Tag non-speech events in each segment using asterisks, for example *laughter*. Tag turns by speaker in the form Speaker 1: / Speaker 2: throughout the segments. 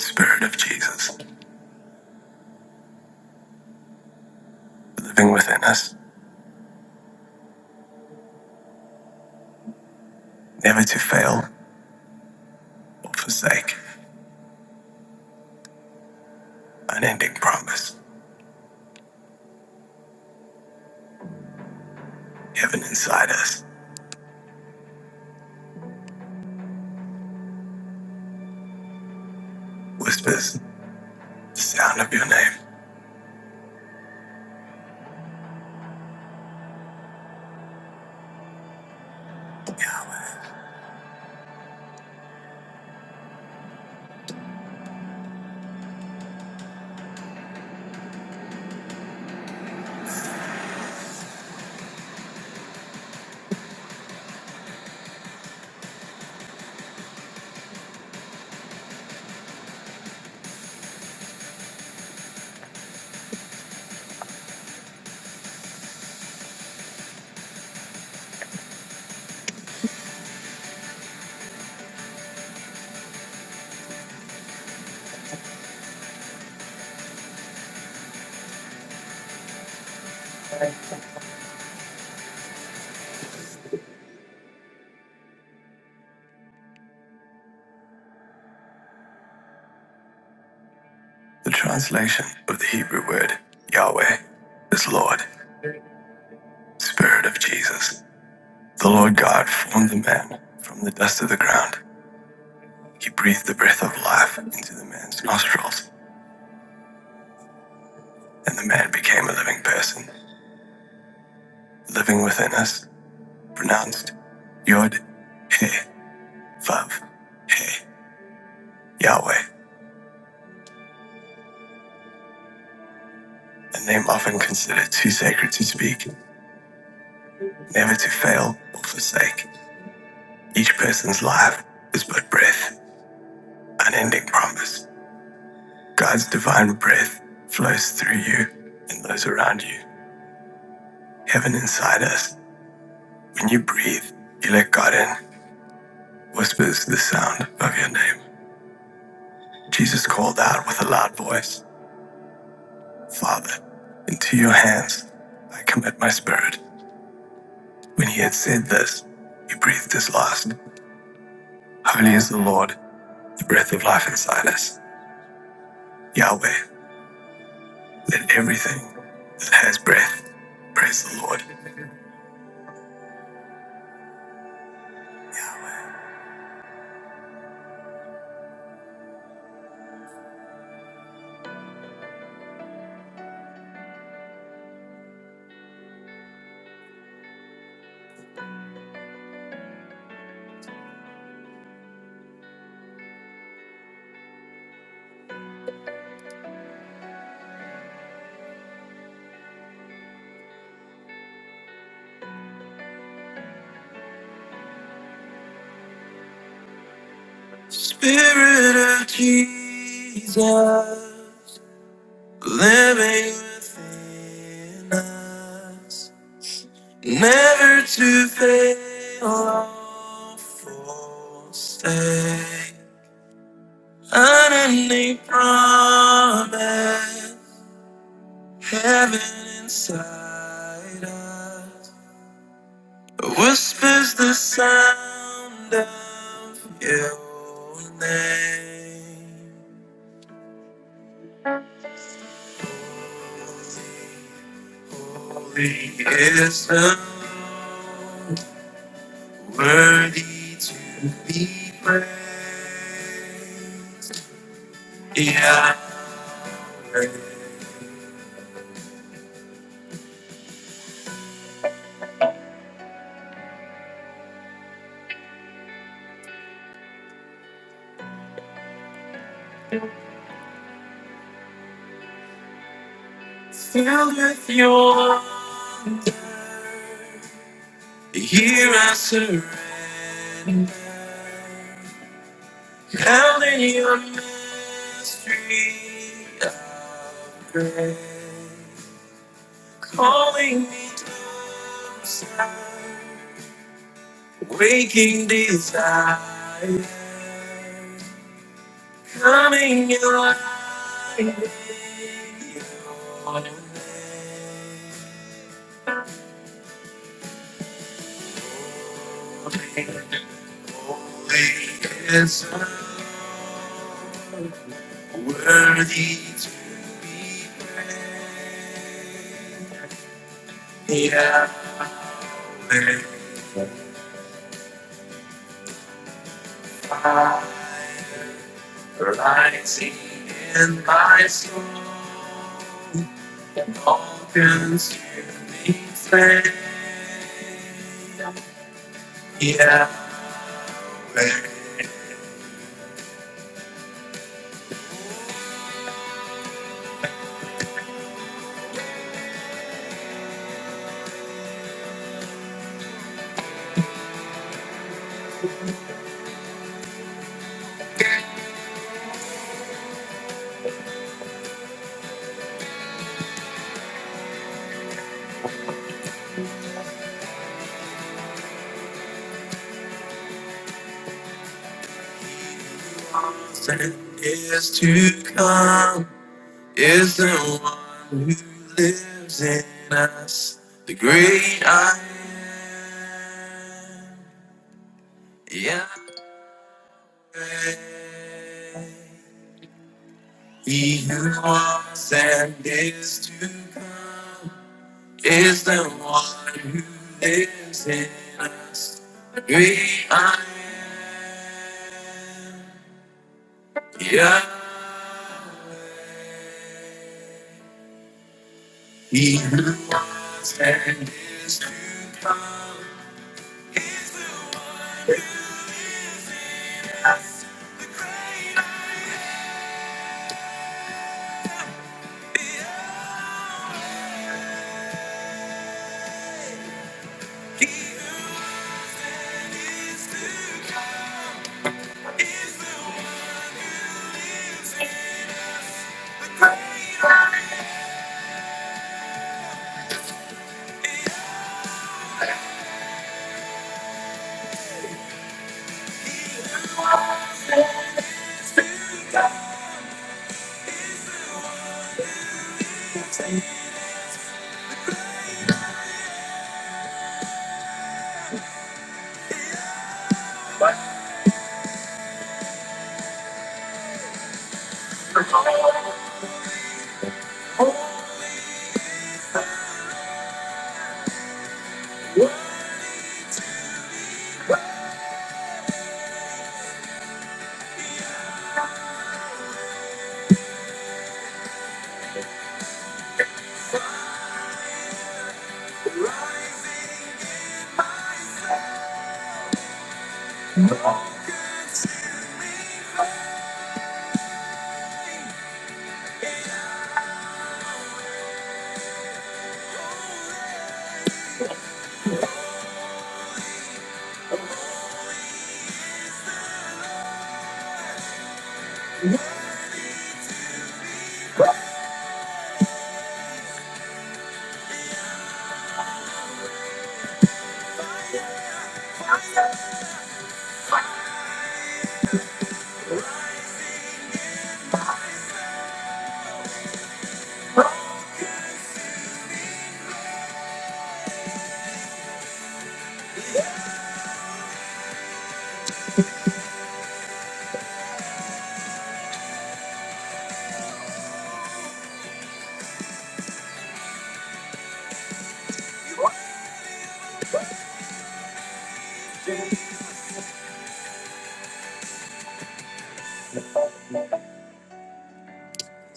Speaker 1: Spirit of Jesus, living within us, never to fail or forsake, unending promise, heaven inside us, whispers the sound of your name. The translation of the Hebrew word Yahweh is Lord, Spirit of Jesus. The Lord God formed the man from the dust of the ground. He breathed the breath of life into the man's nostrils, and the man became a living person, living within us, pronounced Yod He Vav He. Yahweh, a name often considered too sacred to speak, never to fail or forsake. Each person's life is but breath, unending promise. God's divine breath flows through you and those around you. Heaven inside us. When you breathe, you let God in, whispers the sound of your name. Jesus called out with a loud voice, Father, into your hands I commit my spirit. When he had said this, he breathed his last. Holy is the Lord the breath of life inside us. Yahweh, let everything that has breath praise the Lord. Spirit of Jesus, living within us, never to fail or forsake. Unending promise, heaven inside us. Whispers the sound of your name. Holy is the Lord, worthy to be praised. Yahweh.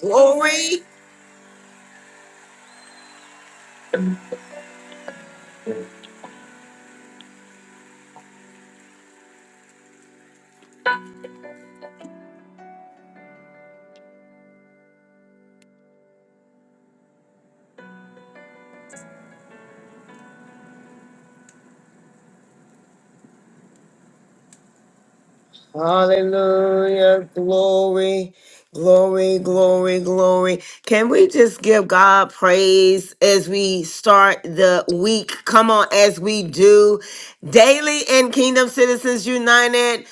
Speaker 1: glory. Hallelujah. Glory, glory, glory, glory. Can we just give God praise as we start the week? Come on, as we do daily in Kingdom Citizens United,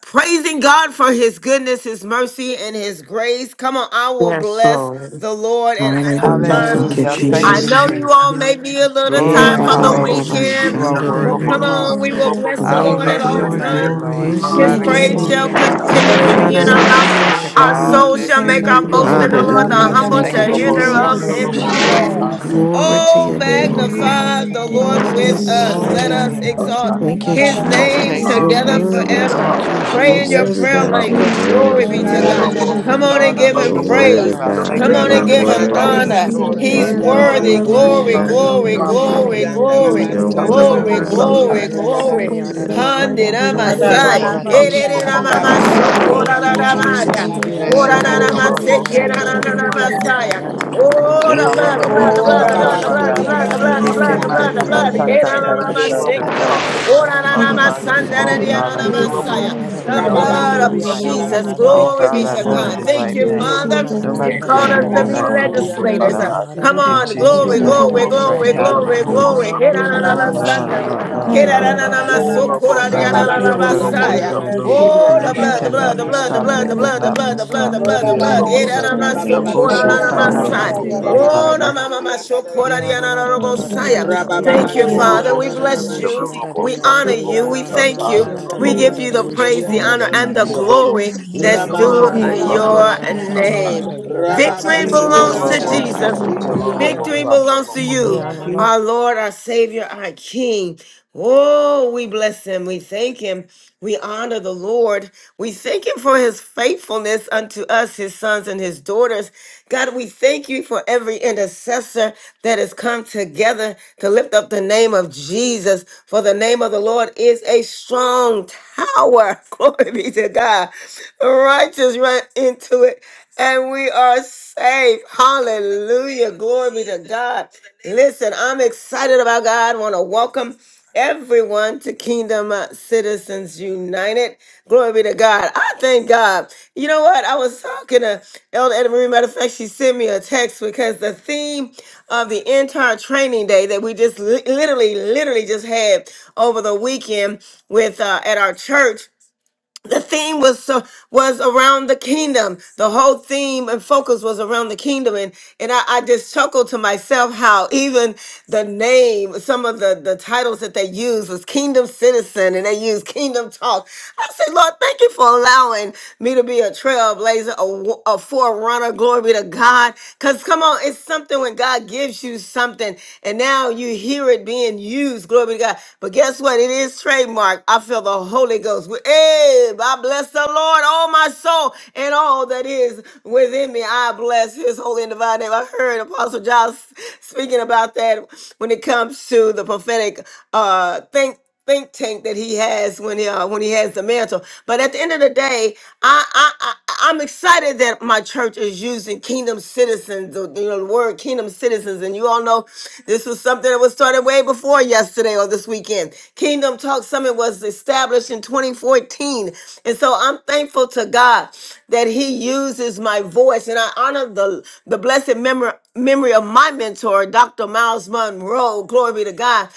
Speaker 1: praising God for his goodness, his mercy, and his grace. Come on, I will
Speaker 2: Yes,
Speaker 1: bless
Speaker 2: Lord.
Speaker 1: the Lord at all
Speaker 2: Oh,
Speaker 3: Hallelujah.
Speaker 2: thank
Speaker 1: times.
Speaker 4: Hey,
Speaker 2: you,
Speaker 3: Thank you,
Speaker 5: Hallelujah.
Speaker 1: I
Speaker 5: Thank
Speaker 2: Jesus.
Speaker 5: you,
Speaker 3: Jesus.
Speaker 1: know
Speaker 6: Hallelujah.
Speaker 1: you all
Speaker 5: Jesus.
Speaker 1: may be a little
Speaker 3: Eh,
Speaker 5: Glory,
Speaker 1: tired
Speaker 3: ba,
Speaker 7: Hallelujah, Yellow
Speaker 2: Yes,
Speaker 1: from
Speaker 3: ba,
Speaker 1: the
Speaker 3: ba,
Speaker 6: Lord,
Speaker 4: Guru
Speaker 3: ba,
Speaker 7: boss,
Speaker 6: we
Speaker 3: ba,
Speaker 2: Lord.
Speaker 5: hallelujah.
Speaker 1: weekend,
Speaker 4: Shande,
Speaker 5: You
Speaker 6: keep
Speaker 5: are
Speaker 3: shanda,
Speaker 7: yellow
Speaker 3: da,
Speaker 6: your
Speaker 3: da,
Speaker 1: but
Speaker 3: da,
Speaker 4: Suru
Speaker 5: worthy,
Speaker 1: come
Speaker 7: boss,
Speaker 6: name,
Speaker 3: yo.
Speaker 1: on,
Speaker 5: Father.
Speaker 1: we will
Speaker 7: yellow
Speaker 4: Shande,
Speaker 6: Father
Speaker 1: bless
Speaker 7: boss,
Speaker 1: the
Speaker 5: I
Speaker 4: Guru
Speaker 2: Thank
Speaker 1: Lord
Speaker 3: Glory,
Speaker 6: God.
Speaker 1: at
Speaker 2: you
Speaker 7: Satire.
Speaker 5: bless
Speaker 1: all
Speaker 5: your
Speaker 2: for
Speaker 3: glory,
Speaker 4: Shande.
Speaker 2: your
Speaker 6: We
Speaker 1: times.
Speaker 5: name,
Speaker 3: glory.
Speaker 5: Lord.
Speaker 6: honor
Speaker 3: It's the
Speaker 1: His
Speaker 6: you
Speaker 5: Nobody
Speaker 4: Thank you,
Speaker 6: this
Speaker 5: can
Speaker 1: praise
Speaker 3: King.
Speaker 5: do
Speaker 4: Lord
Speaker 1: shall
Speaker 5: me
Speaker 8: Glory,
Speaker 9: Hallelujah.
Speaker 4: God.
Speaker 5: like
Speaker 6: morning.
Speaker 5: you
Speaker 9: Thank you,
Speaker 1: continually
Speaker 5: can
Speaker 6: We
Speaker 3: Anda,
Speaker 4: So
Speaker 3: da,
Speaker 8: glory,
Speaker 5: do
Speaker 1: be
Speaker 3: da,
Speaker 1: in
Speaker 5: me.
Speaker 3: da,
Speaker 1: our
Speaker 10: Hallelujah.
Speaker 3: da, da,
Speaker 9: Jesus.
Speaker 4: worthy.
Speaker 8: glory.
Speaker 6: glorify
Speaker 3: yo,
Speaker 1: mouths.
Speaker 5: Thank you for
Speaker 6: your
Speaker 1: Our
Speaker 3: sha.
Speaker 5: all
Speaker 4: Thank
Speaker 6: name
Speaker 1: soul
Speaker 4: you
Speaker 1: shall
Speaker 5: that
Speaker 6: this
Speaker 4: for
Speaker 5: you're
Speaker 1: make our
Speaker 4: another
Speaker 5: getting
Speaker 8: Bless
Speaker 6: morning.
Speaker 4: day,
Speaker 1: boast
Speaker 7: Yellow
Speaker 8: your
Speaker 1: in the
Speaker 6: We
Speaker 8: holy
Speaker 7: boss,
Speaker 4: Lord
Speaker 1: Lord.
Speaker 5: redone.
Speaker 9: Hallelujah.
Speaker 1: The
Speaker 4: God.
Speaker 3: Hallelujah.
Speaker 6: give
Speaker 9: Thank
Speaker 8: name.
Speaker 1: humble
Speaker 6: you
Speaker 3: Thank
Speaker 9: you,
Speaker 8: O
Speaker 5: Thank
Speaker 3: you,
Speaker 1: shall
Speaker 5: you for
Speaker 1: hear
Speaker 9: God.
Speaker 8: God.
Speaker 9: Hey,
Speaker 5: what
Speaker 9: da,
Speaker 5: you're
Speaker 4: Thank
Speaker 6: praise.
Speaker 9: da,
Speaker 1: thereof
Speaker 4: you,
Speaker 9: da,
Speaker 5: getting
Speaker 7: Satire.
Speaker 2: goodness.
Speaker 3: Jesus.
Speaker 9: bo,
Speaker 1: and
Speaker 4: God,
Speaker 6: We
Speaker 5: ready
Speaker 9: shi,
Speaker 1: be
Speaker 5: to
Speaker 4: for
Speaker 9: ya, da,
Speaker 5: do.
Speaker 9: da,
Speaker 1: glad.
Speaker 4: waking
Speaker 9: da,
Speaker 6: honor
Speaker 9: da,
Speaker 4: us
Speaker 9: ba.
Speaker 8: Hallelujah.
Speaker 4: up,
Speaker 6: you,
Speaker 3: Glory
Speaker 6: Lord.
Speaker 4: God,
Speaker 3: to
Speaker 1: Oh,
Speaker 3: your
Speaker 9: Yeah,
Speaker 4: today.
Speaker 9: da, da,
Speaker 3: name,
Speaker 6: We
Speaker 5: Lord,
Speaker 3: O
Speaker 9: da,
Speaker 5: at
Speaker 9: da,
Speaker 5: all
Speaker 6: love
Speaker 9: da,
Speaker 3: God.
Speaker 1: magnify
Speaker 9: da, da, da,
Speaker 1: the
Speaker 9: da,
Speaker 5: times,
Speaker 6: you.
Speaker 9: ba,
Speaker 4: Getting
Speaker 6: We
Speaker 9: ya,
Speaker 1: Lord
Speaker 5: and
Speaker 4: us
Speaker 9: na,
Speaker 5: your
Speaker 9: da,
Speaker 6: bless
Speaker 9: da,
Speaker 1: with
Speaker 4: started
Speaker 5: praise
Speaker 9: bo,
Speaker 6: your
Speaker 5: shall
Speaker 9: shi,
Speaker 1: us.
Speaker 8: Hallelujah.
Speaker 9: ya,
Speaker 4: today
Speaker 9: da,
Speaker 1: Let
Speaker 6: holy
Speaker 9: da, ba,
Speaker 4: on
Speaker 3: Isaiah.
Speaker 1: us
Speaker 5: continue.
Speaker 4: our
Speaker 9: ya, da,
Speaker 8: Bless
Speaker 4: way,
Speaker 9: da,
Speaker 8: your
Speaker 9: ba,
Speaker 1: exalt
Speaker 9: ba,
Speaker 4: God.
Speaker 3: Thank
Speaker 9: ya,
Speaker 3: you,
Speaker 8: name,
Speaker 9: na, na,
Speaker 8: O
Speaker 1: his
Speaker 9: na, da,
Speaker 5: Oh,
Speaker 8: God.
Speaker 9: da,
Speaker 4: I
Speaker 1: name
Speaker 9: bo,
Speaker 4: give
Speaker 3: Jesus.
Speaker 5: taste
Speaker 9: bo,
Speaker 4: you
Speaker 3: You're
Speaker 9: ya.
Speaker 5: and
Speaker 1: together
Speaker 5: see
Speaker 4: praise,
Speaker 5: that the
Speaker 8: Hallelujah.
Speaker 3: worthy.
Speaker 4: glory,
Speaker 7: hallelujah.
Speaker 4: and
Speaker 6: name.
Speaker 1: forever.
Speaker 5: Lord
Speaker 9: Thank
Speaker 4: honor,
Speaker 5: is
Speaker 9: you,
Speaker 4: Lord
Speaker 5: good.
Speaker 3: You're
Speaker 1: Pray
Speaker 7: hallelujah.
Speaker 6: Thank
Speaker 1: in
Speaker 4: God.
Speaker 6: you,
Speaker 1: your
Speaker 7: Thank
Speaker 5: Blessed is
Speaker 9: Jesus.
Speaker 3: worthy,
Speaker 7: you,
Speaker 1: prayer
Speaker 9: Thank
Speaker 3: God.
Speaker 5: the
Speaker 9: you,
Speaker 4: Hey,
Speaker 7: Father.
Speaker 3: You're
Speaker 5: man
Speaker 6: Jesus.
Speaker 1: language.
Speaker 5: that
Speaker 8: Jesus.
Speaker 9: Father.
Speaker 4: Guru
Speaker 1: Glory
Speaker 3: worthy.
Speaker 5: trusteth
Speaker 1: be
Speaker 3: You're
Speaker 5: in
Speaker 1: to
Speaker 4: Shande,
Speaker 9: Thank
Speaker 7: Water
Speaker 5: him.
Speaker 1: God.
Speaker 3: worthy.
Speaker 7: boss,
Speaker 4: Guru
Speaker 1: Come on
Speaker 8: Hallelujah.
Speaker 1: and
Speaker 5: Lord,
Speaker 1: give
Speaker 5: I'm
Speaker 4: Shande.
Speaker 7: yellow
Speaker 6: Hallelujah.
Speaker 3: You're
Speaker 1: him
Speaker 5: trusting
Speaker 7: boss,
Speaker 5: you.
Speaker 3: worthy,
Speaker 1: praise.
Speaker 5: I
Speaker 6: Glory,
Speaker 7: yellow
Speaker 5: thank
Speaker 1: Come
Speaker 3: God.
Speaker 4: Hey,
Speaker 5: you,
Speaker 7: boss,
Speaker 1: on
Speaker 3: You're
Speaker 1: and
Speaker 5: Lord.
Speaker 4: Guru
Speaker 6: glory,
Speaker 1: give
Speaker 5: Thank you
Speaker 1: him
Speaker 7: Satire.
Speaker 5: for
Speaker 11: Ramasanda
Speaker 4: Shande,
Speaker 6: glory.
Speaker 5: opening
Speaker 3: worthy.
Speaker 1: honor.
Speaker 5: doors for
Speaker 1: He's
Speaker 5: me,
Speaker 4: Suru
Speaker 3: Eh,
Speaker 11: Rabasorianda
Speaker 3: ba, ba,
Speaker 6: Glory,
Speaker 1: worthy.
Speaker 3: ba,
Speaker 4: Shande,
Speaker 3: ba,
Speaker 7: Hallelujah.
Speaker 1: Glory,
Speaker 11: Rabasete,
Speaker 4: Guru
Speaker 5: closing
Speaker 7: Thank
Speaker 6: glory,
Speaker 5: on
Speaker 3: shanda,
Speaker 5: doors.
Speaker 7: you,
Speaker 1: glory,
Speaker 4: Shande.
Speaker 3: yo,
Speaker 7: Father
Speaker 6: glory.
Speaker 7: God.
Speaker 3: say.
Speaker 1: glory,
Speaker 11: Ianda
Speaker 1: glory,
Speaker 3: Your
Speaker 6: Honor is
Speaker 5: No,
Speaker 11: Rabasanda
Speaker 7: Shandalo
Speaker 3: word,
Speaker 5: Lord,
Speaker 6: your
Speaker 1: glory,
Speaker 7: boss,
Speaker 5: that
Speaker 3: God,
Speaker 4: Shandari
Speaker 5: need to
Speaker 6: name.
Speaker 1: glory,
Speaker 5: be
Speaker 4: Koro
Speaker 11: Ramasorianda
Speaker 5: come.
Speaker 6: Blessed
Speaker 1: glory.
Speaker 6: is
Speaker 3: of
Speaker 7: Satire,
Speaker 4: Shandai
Speaker 6: your
Speaker 4: Se
Speaker 3: rest.
Speaker 11: Rabasete,
Speaker 6: name.
Speaker 5: Glory,
Speaker 4: Koro
Speaker 5: hallelujah.
Speaker 6: We
Speaker 7: Yeah, Oh,
Speaker 4: Shandai
Speaker 10: Hallelujah.
Speaker 1: Handiramasai,
Speaker 5: Thank
Speaker 4: Se
Speaker 6: worship
Speaker 7: Robo,
Speaker 5: you,
Speaker 6: you,
Speaker 5: Jesus.
Speaker 6: Father God.
Speaker 5: Bless your
Speaker 4: Yidoro
Speaker 11: Rabasorianda
Speaker 5: holy
Speaker 6: We
Speaker 9: you,
Speaker 5: name.
Speaker 4: Shandere
Speaker 9: Jesus.
Speaker 6: honor
Speaker 1: erereramasokorararamaya,
Speaker 9: Thank
Speaker 4: Koro
Speaker 6: you,
Speaker 5: Bless
Speaker 11: Rabasatarianda
Speaker 5: your
Speaker 4: Shandai
Speaker 6: Lord.
Speaker 5: holy name.
Speaker 4: Yidoro
Speaker 11: Rabasorianda
Speaker 5: You are
Speaker 4: Shandere
Speaker 11: Ramase,
Speaker 5: worthy,
Speaker 4: Koro
Speaker 1: korararamasekerararamasaya.
Speaker 4: Shande
Speaker 5: God.
Speaker 1: Oh,
Speaker 5: Praise you,
Speaker 1: the
Speaker 7: Yellow
Speaker 1: blood, the
Speaker 4: Ye
Speaker 1: blood,
Speaker 5: hallelujah.
Speaker 1: the
Speaker 4: Koro
Speaker 1: blood, the blood, the blood, the
Speaker 5: Shatamanda.
Speaker 4: Shandai
Speaker 1: blood,
Speaker 11: Rababasorianda
Speaker 4: Se
Speaker 1: the blood, the blood,
Speaker 9: you,
Speaker 1: the
Speaker 11: Ramase,
Speaker 4: Yidoro
Speaker 1: blood, the
Speaker 5: Ekemana na
Speaker 1: blood.
Speaker 9: Jesus.
Speaker 5: ta
Speaker 4: Shandere
Speaker 5: ta
Speaker 11: Kurumoshanda
Speaker 5: ta. The
Speaker 4: Se
Speaker 11: Ramase,
Speaker 9: Isha
Speaker 5: blood, the
Speaker 9: da da da
Speaker 1: Herararamaseka,
Speaker 9: da
Speaker 5: blood,
Speaker 9: ba
Speaker 5: the
Speaker 9: yada
Speaker 5: blood,
Speaker 3: in
Speaker 9: da
Speaker 5: the
Speaker 3: the
Speaker 9: da da da
Speaker 5: blood.
Speaker 9: da
Speaker 3: Lord
Speaker 4: Yidoro
Speaker 9: da ba ya na
Speaker 8: Oh,
Speaker 9: na
Speaker 5: Oh
Speaker 9: na
Speaker 4: Shandere
Speaker 5: God,
Speaker 9: na
Speaker 5: I
Speaker 9: da
Speaker 4: Koro
Speaker 9: da
Speaker 5: give
Speaker 3: Jesus
Speaker 5: you
Speaker 9: ba
Speaker 5: glory,
Speaker 9: ya
Speaker 1: orararamasandarariararamasaya.
Speaker 9: no
Speaker 4: Shandai Se
Speaker 5: give
Speaker 1: The
Speaker 5: you
Speaker 9: no no
Speaker 5: honor,
Speaker 4: Yidoro
Speaker 9: no da no no
Speaker 5: give
Speaker 9: no
Speaker 1: blood
Speaker 5: you
Speaker 1: of
Speaker 4: Shandai
Speaker 9: bushi
Speaker 11: Rababasorianda
Speaker 5: praise.
Speaker 9: da
Speaker 1: Jesus.
Speaker 9: da ba
Speaker 11: Ramase,
Speaker 9: ya
Speaker 5: Oh
Speaker 9: da
Speaker 1: Glory
Speaker 9: da
Speaker 1: be
Speaker 5: God,
Speaker 4: Se
Speaker 5: I
Speaker 9: da
Speaker 1: to
Speaker 9: da
Speaker 11: Korianda
Speaker 9: ba
Speaker 5: love
Speaker 4: Koro
Speaker 3: our
Speaker 1: God.
Speaker 9: ba
Speaker 5: you
Speaker 1: Thank
Speaker 5: right
Speaker 1: you,
Speaker 4: Shandai
Speaker 5: now.
Speaker 11: Rabashete,
Speaker 9: yada
Speaker 4: Se
Speaker 1: Father.
Speaker 9: da
Speaker 4: Yidoro
Speaker 1: you
Speaker 5: Nobody
Speaker 9: da ba
Speaker 1: called
Speaker 5: can
Speaker 9: ya
Speaker 5: do
Speaker 9: da
Speaker 11: Ianda
Speaker 1: us
Speaker 9: da
Speaker 5: me
Speaker 9: da
Speaker 1: to
Speaker 4: Shandere
Speaker 1: be
Speaker 5: like you
Speaker 9: da da
Speaker 4: Koro
Speaker 5: can
Speaker 9: da
Speaker 5: do
Speaker 11: Ramasorianda
Speaker 5: me,
Speaker 1: legislators.
Speaker 4: Shandai
Speaker 1: Uh,
Speaker 5: Lord.
Speaker 4: Se
Speaker 9: ya
Speaker 11: Ramase,
Speaker 9: da
Speaker 1: Come
Speaker 9: da da
Speaker 5: In
Speaker 9: da
Speaker 1: on,
Speaker 9: da ba
Speaker 1: glory,
Speaker 5: Jesus'
Speaker 9: ya da da ishuru
Speaker 5: name I
Speaker 1: glory,
Speaker 4: Yidoro
Speaker 5: pray.
Speaker 1: glory,
Speaker 4: Shandai
Speaker 1: glory,
Speaker 4: Se
Speaker 9: ru ru
Speaker 5: Hallelujah.
Speaker 4: Yidoro
Speaker 1: glory.
Speaker 9: yada da da
Speaker 5: Oh
Speaker 9: ya
Speaker 4: Shandai
Speaker 5: no
Speaker 9: no
Speaker 1: Herararamasante.
Speaker 9: no no no no
Speaker 5: no
Speaker 9: da da da bo
Speaker 5: no
Speaker 4: Hai
Speaker 5: no
Speaker 9: shi ya ya da
Speaker 4: Koro
Speaker 9: ba
Speaker 5: no
Speaker 9: ba ba ya
Speaker 4: Shandai
Speaker 9: da da
Speaker 4: Se
Speaker 7: Robo,
Speaker 9: ba
Speaker 5: no!
Speaker 9: ya
Speaker 5: Not
Speaker 9: da da
Speaker 5: pick
Speaker 9: da
Speaker 5: the
Speaker 9: da
Speaker 4: Yidoro
Speaker 9: da ba
Speaker 5: pedal,
Speaker 11: Rababasorianda
Speaker 4: Shandai
Speaker 9: ya
Speaker 5: the
Speaker 9: da
Speaker 1: Kerarararamasokoriarararabasaya.
Speaker 9: da da
Speaker 7: Shabba Robo,
Speaker 11: Ramasete,
Speaker 1: Oh,
Speaker 5: decree
Speaker 1: the
Speaker 9: Isha
Speaker 5: that
Speaker 1: blood, the
Speaker 9: da da da
Speaker 1: blood,
Speaker 5: cannot
Speaker 1: the
Speaker 5: be
Speaker 11: Rumoshata
Speaker 9: ya
Speaker 1: blood,
Speaker 9: da
Speaker 1: the
Speaker 5: stopped.
Speaker 9: da
Speaker 7: Satire,
Speaker 1: blood,
Speaker 5: They
Speaker 9: da
Speaker 1: the
Speaker 9: da
Speaker 4: Shandere
Speaker 11: Ramase,
Speaker 5: will
Speaker 1: blood,
Speaker 9: da
Speaker 1: the
Speaker 5: not
Speaker 9: na
Speaker 5: be
Speaker 1: blood,
Speaker 4: Guru
Speaker 1: the
Speaker 9: na na
Speaker 1: blood,
Speaker 9: na
Speaker 1: the
Speaker 5: stopped
Speaker 9: na
Speaker 4: Shande
Speaker 9: na
Speaker 1: blood,
Speaker 9: na
Speaker 1: the
Speaker 5: in
Speaker 9: na
Speaker 7: Yeah,
Speaker 9: ba
Speaker 1: blood.
Speaker 4: Suru
Speaker 9: ya
Speaker 5: Jesus'
Speaker 9: da
Speaker 5: name.
Speaker 4: Shandere
Speaker 11: Rababa
Speaker 9: bushi ya da da bushi ya da
Speaker 5: Osho
Speaker 4: Guru
Speaker 9: yada da
Speaker 11: Sorianda
Speaker 9: bo
Speaker 5: kana
Speaker 9: shi
Speaker 4: Shande
Speaker 9: ya
Speaker 1: Yerararamasokorararamasaya.
Speaker 9: da da
Speaker 11: Ramase,
Speaker 5: mani
Speaker 9: ya
Speaker 11: de
Speaker 9: da
Speaker 11: de
Speaker 5: ke
Speaker 4: Suru
Speaker 9: da
Speaker 11: de
Speaker 9: ba
Speaker 1: Oh,
Speaker 4: Shande
Speaker 1: the
Speaker 9: ya
Speaker 11: Robo
Speaker 5: bata.
Speaker 9: da.
Speaker 1: mama
Speaker 11: Sorianda
Speaker 9: Yeah,
Speaker 11: Ramase,
Speaker 4: Guru
Speaker 1: masokorariarararabosaya.
Speaker 4: Shande
Speaker 1: Thank
Speaker 11: Rababa
Speaker 1: you,
Speaker 4: Hero
Speaker 1: Father. We
Speaker 11: Sorianda
Speaker 5: Be no
Speaker 1: bless
Speaker 4: Shande
Speaker 5: person,
Speaker 1: you.
Speaker 11: Ramase,
Speaker 5: no
Speaker 1: We
Speaker 4: Sikuru
Speaker 1: honor
Speaker 4: Shande
Speaker 5: repercussion,
Speaker 1: you.
Speaker 5: no
Speaker 1: We
Speaker 11: Ramama
Speaker 5: weapon,
Speaker 1: thank you.
Speaker 5: not
Speaker 11: Sorianda
Speaker 1: We give
Speaker 4: Yes,
Speaker 1: you
Speaker 5: There will
Speaker 1: the
Speaker 11: Ramase,
Speaker 4: God.
Speaker 5: be no
Speaker 1: praise, the
Speaker 4: Glory
Speaker 11: Torianda
Speaker 5: hindrance
Speaker 1: honor,
Speaker 4: to your
Speaker 5: in
Speaker 1: and
Speaker 5: the
Speaker 1: the
Speaker 4: name,
Speaker 11: Ramase,
Speaker 5: spirit
Speaker 1: glory
Speaker 4: Jesus.
Speaker 5: and
Speaker 1: that's
Speaker 5: any
Speaker 11: Rababa
Speaker 1: due
Speaker 5: plan,
Speaker 4: Ye
Speaker 5: plot, or
Speaker 4: Guru
Speaker 11: Sorianda
Speaker 1: your
Speaker 5: enemy. I
Speaker 4: Shande
Speaker 11: Ramase,
Speaker 5: battle.
Speaker 3: Christ.
Speaker 1: name.
Speaker 4: Suru Shande
Speaker 11: Rababa
Speaker 1: Victory
Speaker 4: Guru
Speaker 5: Thank
Speaker 1: belongs
Speaker 5: you,
Speaker 1: to
Speaker 11: Sorianda
Speaker 4: Shande
Speaker 5: Jesus.
Speaker 1: Jesus.
Speaker 5: In
Speaker 11: Rabashi
Speaker 5: Jesus'
Speaker 1: Victory
Speaker 11: Teyando,
Speaker 5: name,
Speaker 1: belongs to you,
Speaker 11: Ramas.
Speaker 1: our Lord, our Savior, our King. Oh, we bless him. We thank him. We honor the Lord. We thank him for his faithfulness unto us, his sons and his daughters. God, we thank you for every intercessor that has come together to lift up the name of Jesus. For the name of the Lord is a strong tower. *laughs* Glory be to God. The righteous run into it and we are safe. Hallelujah. Glory be to God. Listen, I'm excited about God. I want to welcome everyone to Kingdom Citizens United. Glory be to God. I thank God. You know what? I was talking to Elder Edna Marie. Matter of fact, she sent me a text because the theme of the entire training day that we just li- literally, literally just had over the weekend with uh, at our church the theme was so, was around the kingdom. The whole theme and focus was around the kingdom, and and I, I just chuckled to myself how even the name, some of the the titles that they used was Kingdom Citizen, and they used Kingdom Talk. I said, Lord, thank you for allowing me to be a trailblazer, a, w- a forerunner. Glory be to God. Cause come on, it's something when God gives you something, and now you hear it being used. Glory be to God. But guess what? It is trademarked Mark. I feel the Holy Ghost. Hey, I bless the Lord, all my soul, and all that is within me. I bless his holy and divine name. I heard Apostle John s- speaking about that when it comes to the prophetic uh think think tank that he has when he uh, when he has the mantle. But at the end of the day, I, I I I'm excited that my church is using kingdom citizens, or, you know, the word kingdom citizens. And you all know this was something that was started way before yesterday yesterday or this weekend. Kingdom Talk Summit was established in 2014. And so I'm thankful to God that He uses my voice. And I honor the, the blessed memory, memory of my mentor, Dr. Miles Monroe. Glory be to God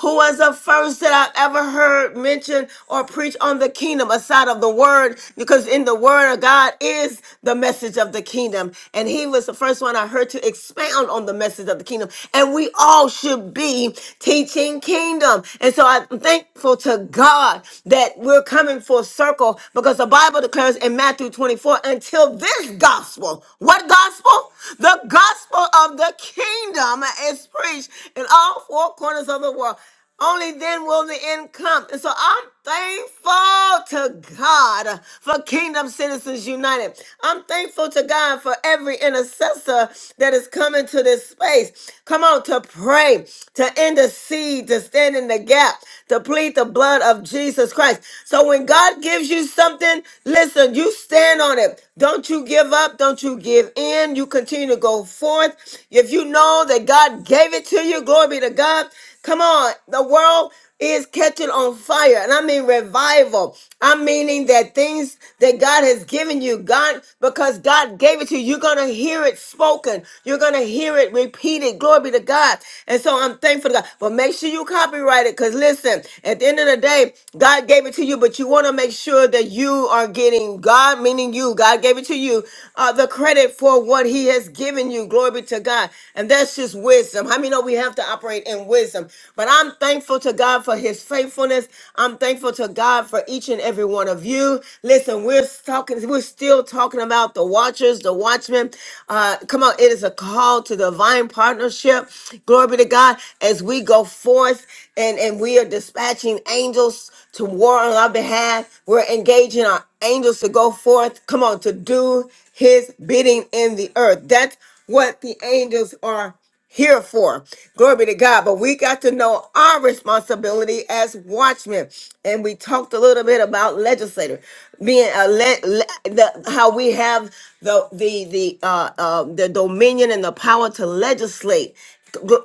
Speaker 1: who was the first that I ever heard mention or preach on the kingdom aside of the word, because in the word of God is the message of the kingdom. And he was the first one I heard to expound on the message of the kingdom. And we we all should be teaching kingdom. And so I'm thankful to God that we're coming full circle because the Bible declares in Matthew 24 until this gospel, what gospel? The gospel of the kingdom is preached in all four corners of the world. Only then will the end come. And so I'm thankful to God for Kingdom Citizens United. I'm thankful to God for every intercessor that is coming to this space. Come on, to pray, to intercede, to stand in the gap, to plead the blood of Jesus Christ. So when God gives you something, listen, you stand on it. Don't you give up. Don't you give in. You continue to go forth. If you know that God gave it to you, glory be to God. Come on, the world is catching on fire. And I mean revival. I'm meaning that things that God has given you, God, because God gave it to you, you're going to hear it spoken. You're going to hear it repeated. Glory be to God. And so I'm thankful to God. But make sure you copyright it because listen, at the end of the day, God gave it to you, but you want to make sure that you are getting God, meaning you, God gave it to you, uh, the credit for what He has given you. Glory be to God. And that's just wisdom. How many know we have to operate in and wisdom. But I'm thankful to God for his faithfulness. I'm thankful to God for each and every one of you. Listen, we're talking, we're still talking about the watchers, the watchmen. Uh, come on, it is a call to divine partnership. Glory be to God as we go forth and, and we are dispatching angels to war on our behalf. We're engaging our angels to go forth, come on, to do his bidding in the earth. That's what the angels are here for. Glory be to God. But we got to know our responsibility as watchmen. And we talked a little bit about legislator being a le- le- the, how we have the the the uh, uh, the dominion and the power to legislate.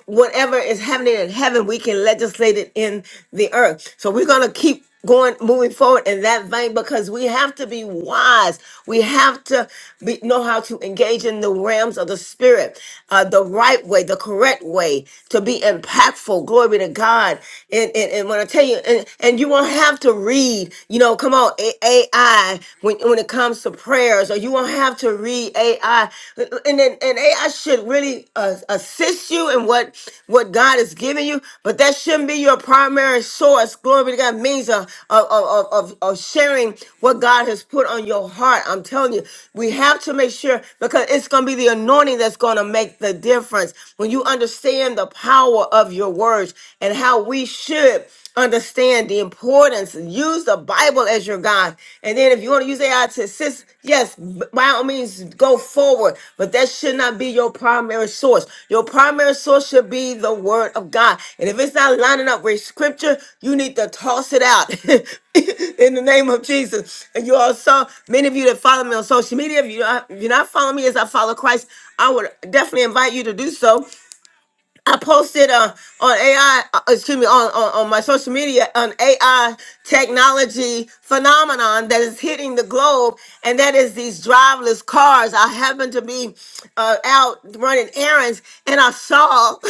Speaker 1: Whatever is happening in heaven, we can legislate it in the earth. So we're gonna keep going moving forward in that vein because we have to be wise we have to be, know how to engage in the realms of the spirit uh, the right way the correct way to be impactful glory to god and and, and when i tell you and, and you won't have to read you know come on A- ai when, when it comes to prayers or you won't have to read ai and then and ai should really uh, assist you in what what God has given you, but that shouldn't be your primary source. Glory be to God means of of, of, of of sharing what God has put on your heart. I'm telling you, we have to make sure because it's going to be the anointing that's going to make the difference when you understand the power of your words and how we should understand the importance. Use the Bible as your guide. And then if you want to use AI to assist, yes, b- by all means, go forward. But that should not be your primary source. Your primary source should be the Word of God. And if it's not lining up with Scripture, you need to toss it out. *laughs* In the name of Jesus. And you also, many of you that follow me on social media, if, you if you're not following me as I follow Christ, I would definitely invite you to do so. I posted uh, on AI, uh, excuse me, on, on, on my social media, an AI technology phenomenon that is hitting the globe, and that is these driverless cars. I happened to be uh, out running errands, and I saw *laughs*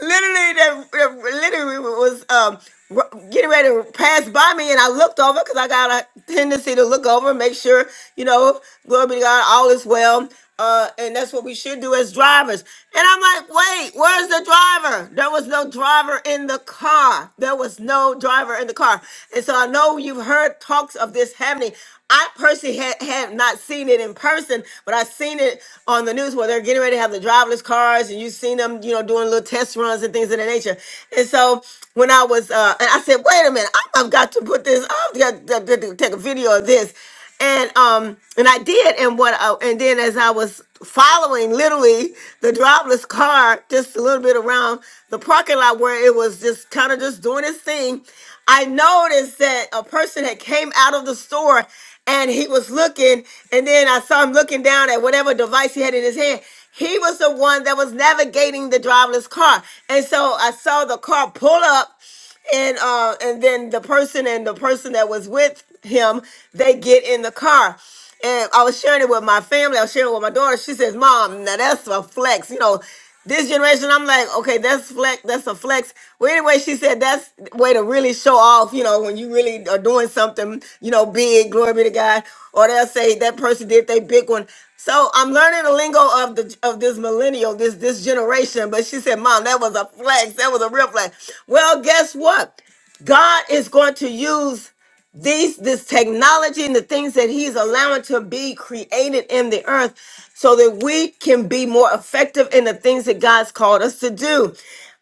Speaker 1: literally that, that literally was um r- getting ready to pass by me and I looked over because I got a tendency to look over and make sure, you know, glory be to God, all is well. Uh, and that's what we should do as drivers. And I'm like, wait, where's the driver? There was no driver in the car. There was no driver in the car. And so I know you've heard talks of this happening. I personally had, have not seen it in person, but I've seen it on the news where they're getting ready to have the driverless cars, and you've seen them, you know, doing little test runs and things of that nature. And so when I was, uh, and I said, wait a minute, I, I've got to put this, I've got to, to- to take a video of this and um and I did and what I, and then as I was following literally the driverless car just a little bit around the parking lot where it was just kind of just doing its thing I noticed that a person had came out of the store and he was looking and then I saw him looking down at whatever device he had in his hand he was the one that was navigating the driverless car and so I saw the car pull up and uh, and then the person and the person that was with him, they get in the car. And I was sharing it with my family. I was sharing it with my daughter. She says, "Mom, now that's a flex." You know, this generation. I'm like, okay, that's flex. That's a flex. Well, anyway, she said that's the way to really show off. You know, when you really are doing something, you know, big. Glory be to God. Or they'll say that person did their big one. So I'm learning the lingo of the of this millennial, this this generation. But she said, "Mom, that was a flex. That was a real flex." Well, guess what? God is going to use these this technology and the things that He's allowing to be created in the earth, so that we can be more effective in the things that God's called us to do.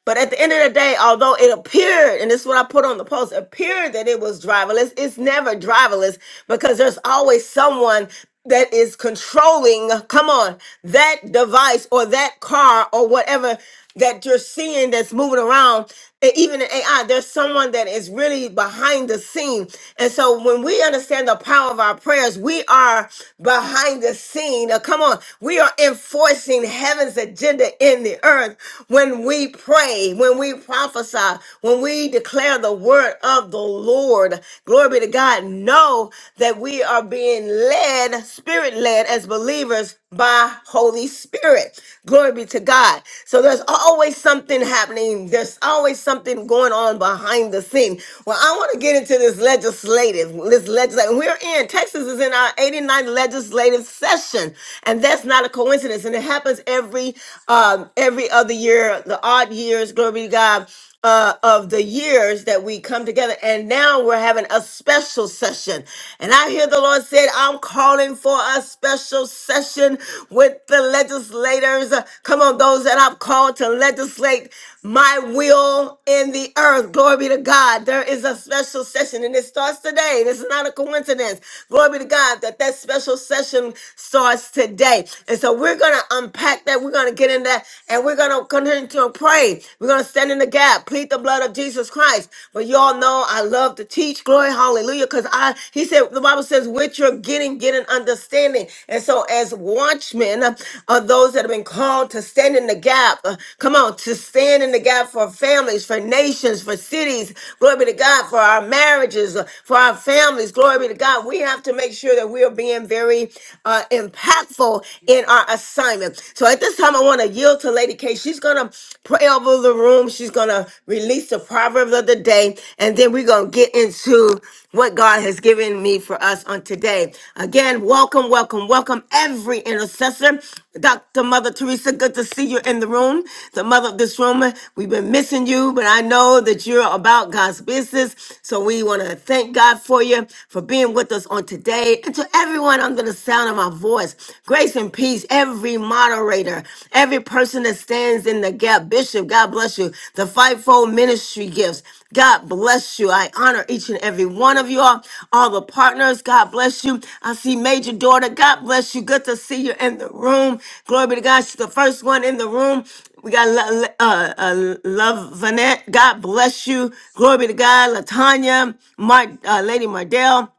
Speaker 1: But at the end of the day, although it appeared, and this is what I put on the post, appeared that it was driverless, it's never driverless because there's always someone that is controlling, come on, that device or that car or whatever that you're seeing that's moving around. And even in AI, there's someone that is really behind the scene. And so when we understand the power of our prayers, we are behind the scene. Now, come on, we are enforcing heaven's agenda in the earth earth when we pray, when we prophesy, when we declare the word of the Lord. Glory be to God. Know that we are being led, spirit led as believers by Holy Spirit. Glory be to God. So there's always something happening. There's always something going on behind the scene. Well, I want to get into this legislative, this legislative. We're in, Texas is in our eighty ninth legislative session. And that's not a coincidence. And it happens every every um, every other year, the odd years, glory be to God, uh, of the years that we come together. And now we're having a special session. And I hear the Lord said, I'm calling for a special session with the legislators. Uh, Come on, those that I've called to legislate my will in the earth. Glory be to God. There is a special session and it starts today. This is not a coincidence. Glory be to God that that special session starts today. And so we're going to unpack that. We're going to get in that and we're going to continue to pray. We're going to stand in the gap, plead the blood of Jesus Christ. But y'all know I love to teach. Glory, hallelujah. Because I, he said, the Bible says, with your getting, get an understanding. And so as watchmen uh, are those that have been called to stand in the gap, uh, come on, to stand in the gap for families, for nations, for cities. Glory be to God for our marriages, uh, for our families. Glory be to God. We have to make sure that we are being very uh, impactful in our assignment. So at this time, I want to yield to Lady K. She's going to pray over the room. She's going to release the proverb of the day. And then we're going to get into what God has given me for us on today. Again, welcome, welcome, welcome every intercessor. Dr. Mother Teresa, good to see you in the room. The mother of this room, we've been missing you, but I know that you're about God's business. So we want to thank God for you for being with us on today and to everyone under the sound of my voice. Grace and peace, every moderator, every person that stands in the gap. Bishop, God bless you. The fivefold ministry gifts. God bless you. I honor each and every one of you all. All the partners, God bless you. I see Major Daughter, God bless you. Good to see you in the room. Glory be to God. She's the first one in the room. We got Lo- uh, uh, Love Vanette. God bless you. Glory be to God. Latanya, Mar- uh, Lady Mardell.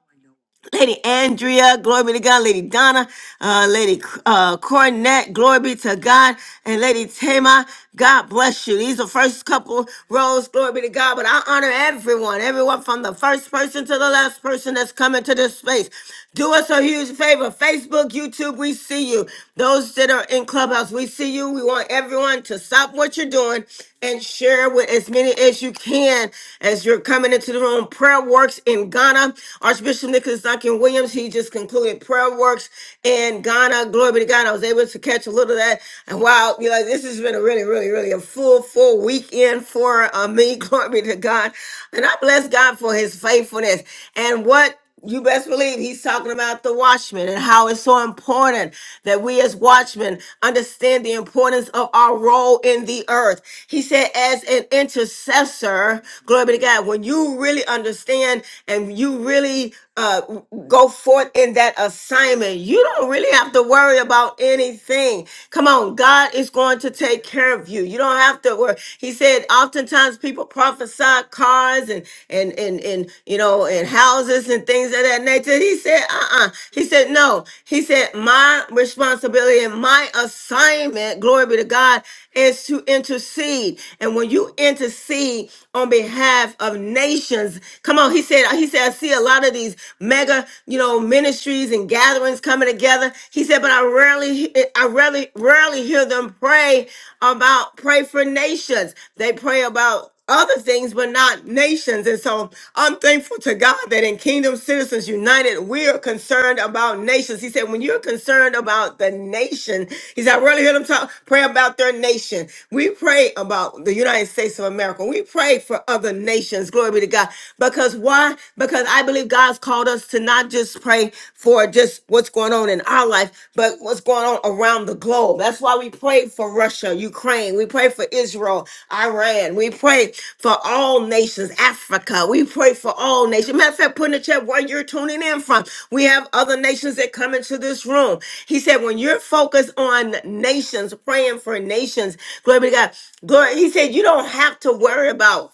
Speaker 1: Lady Andrea, glory be to God. Lady Donna, uh, Lady uh, Cornette, glory be to God. And Lady Tama, God bless you. These are first couple rows, glory be to God. But I honor everyone, everyone from the first person to the last person that's coming to this space. Do us a huge favor. Facebook, YouTube, we see you. Those that are in Clubhouse, we see you. We want everyone to stop what you're doing and share with as many as you can as you're coming into the room. Prayer Works in Ghana. Archbishop Nicholas Duncan Williams, he just concluded Prayer Works in Ghana. Glory be to God. I was able to catch a little of that. And wow, you know, this has been a really, really, really a full, full weekend for uh, me. *laughs* Glory be to God. And I bless God for his faithfulness. And what you best believe he's talking about the watchman and how it's so important that we as watchmen understand the importance of our role in the earth. He said, as an intercessor, glory be to God, when you really understand and you really uh, go forth in that assignment, you don't really have to worry about anything. Come on, God is going to take care of you. You don't have to worry. He said, oftentimes, times people prophesy cars and and and and you know and houses and things of that nature. He said, uh-uh. He said, no. He said, my responsibility and my assignment, glory be to God, is to intercede. And when you intercede on behalf of nations, come on, he said, he said, I see a lot of these mega, you know, ministries and gatherings coming together. He said, but I rarely, I rarely rarely rarely hear them pray about pray for nations. They pray about other things, but not nations. And so I'm thankful to God that in Kingdom Citizens United, we are concerned about nations. He said, when you're concerned about the nation, he said, I really hear them talk, pray about their nation. We pray about the United States of America. We pray for other nations. Glory be to God. Because why? Because I believe God's called us to not not just pray for just what's going on in our life, but what's going on around the globe. That's why we pray for Russia, Ukraine. We pray for Israel, Iran. We pray for all nations, Africa. We pray for all nations. Matter of fact, put in the chat where you're tuning in from. We have other nations that come into this room. He said, when you're focused on nations, praying for nations, glory be to God. Glory, he said, you don't have to worry about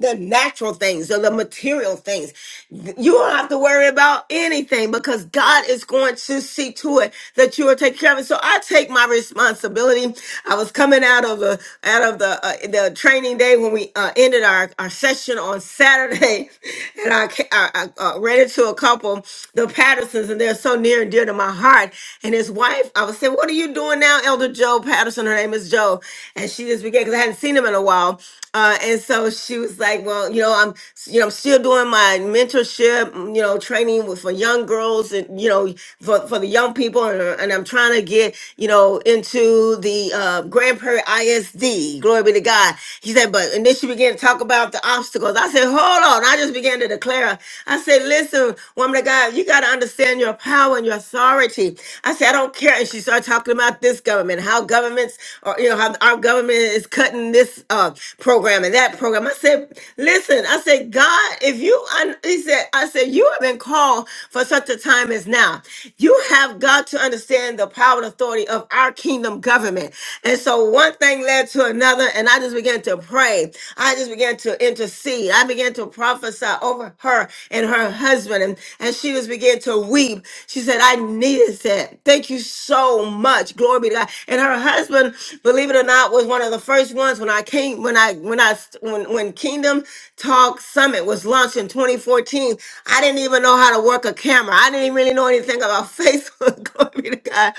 Speaker 1: the natural things or the material things. You don't have to worry about anything because God is going to see to it that you are taken care of it. So I take my responsibility. I was coming out of the out of the uh, the training day when we uh, ended our, our session on Saturday, *laughs* and I, ca- I, I uh, ran into a couple, the Pattersons, and they're so near and dear to my heart. And his wife, I was saying, "What are you doing now, Elder Joe Patterson?" Her name is Joe, and she just began because I hadn't seen him in a while, uh, and so she was like, "Well, you know, I'm, you know, I'm still doing my mentorship, mm, you know, training with for young girls and you know, for for the young people, and, uh, and I'm trying to get, you know, into the uh, Grand Prairie ISD. Glory be to God." He said, "But," and then she began to talk about the obstacles. I said, "Hold on," I just began to declare. I said, "Listen, woman of God, you got to understand your power and your authority." I said, "I don't care," and she started talking about this government, how governments, or you know, how our government is cutting this uh, program that program. I said, listen, I said, God, if you, un-, he said, I said, you have been called for such a time as now. You have got to understand the power and authority of our kingdom government. And so one thing led to another, and I just began to pray. I just began to intercede. I began to prophesy over her and her husband, and, and she just began to weep. She said, I needed that. Thank you so much. Glory be to God. And her husband, believe it or not, was one of the first ones when I came, when I like when I st- when when Kingdom Talk Summit was launched in 2014, I didn't even know how to work a camera. I didn't even really know anything about *laughs* Facebook. Glory be to God.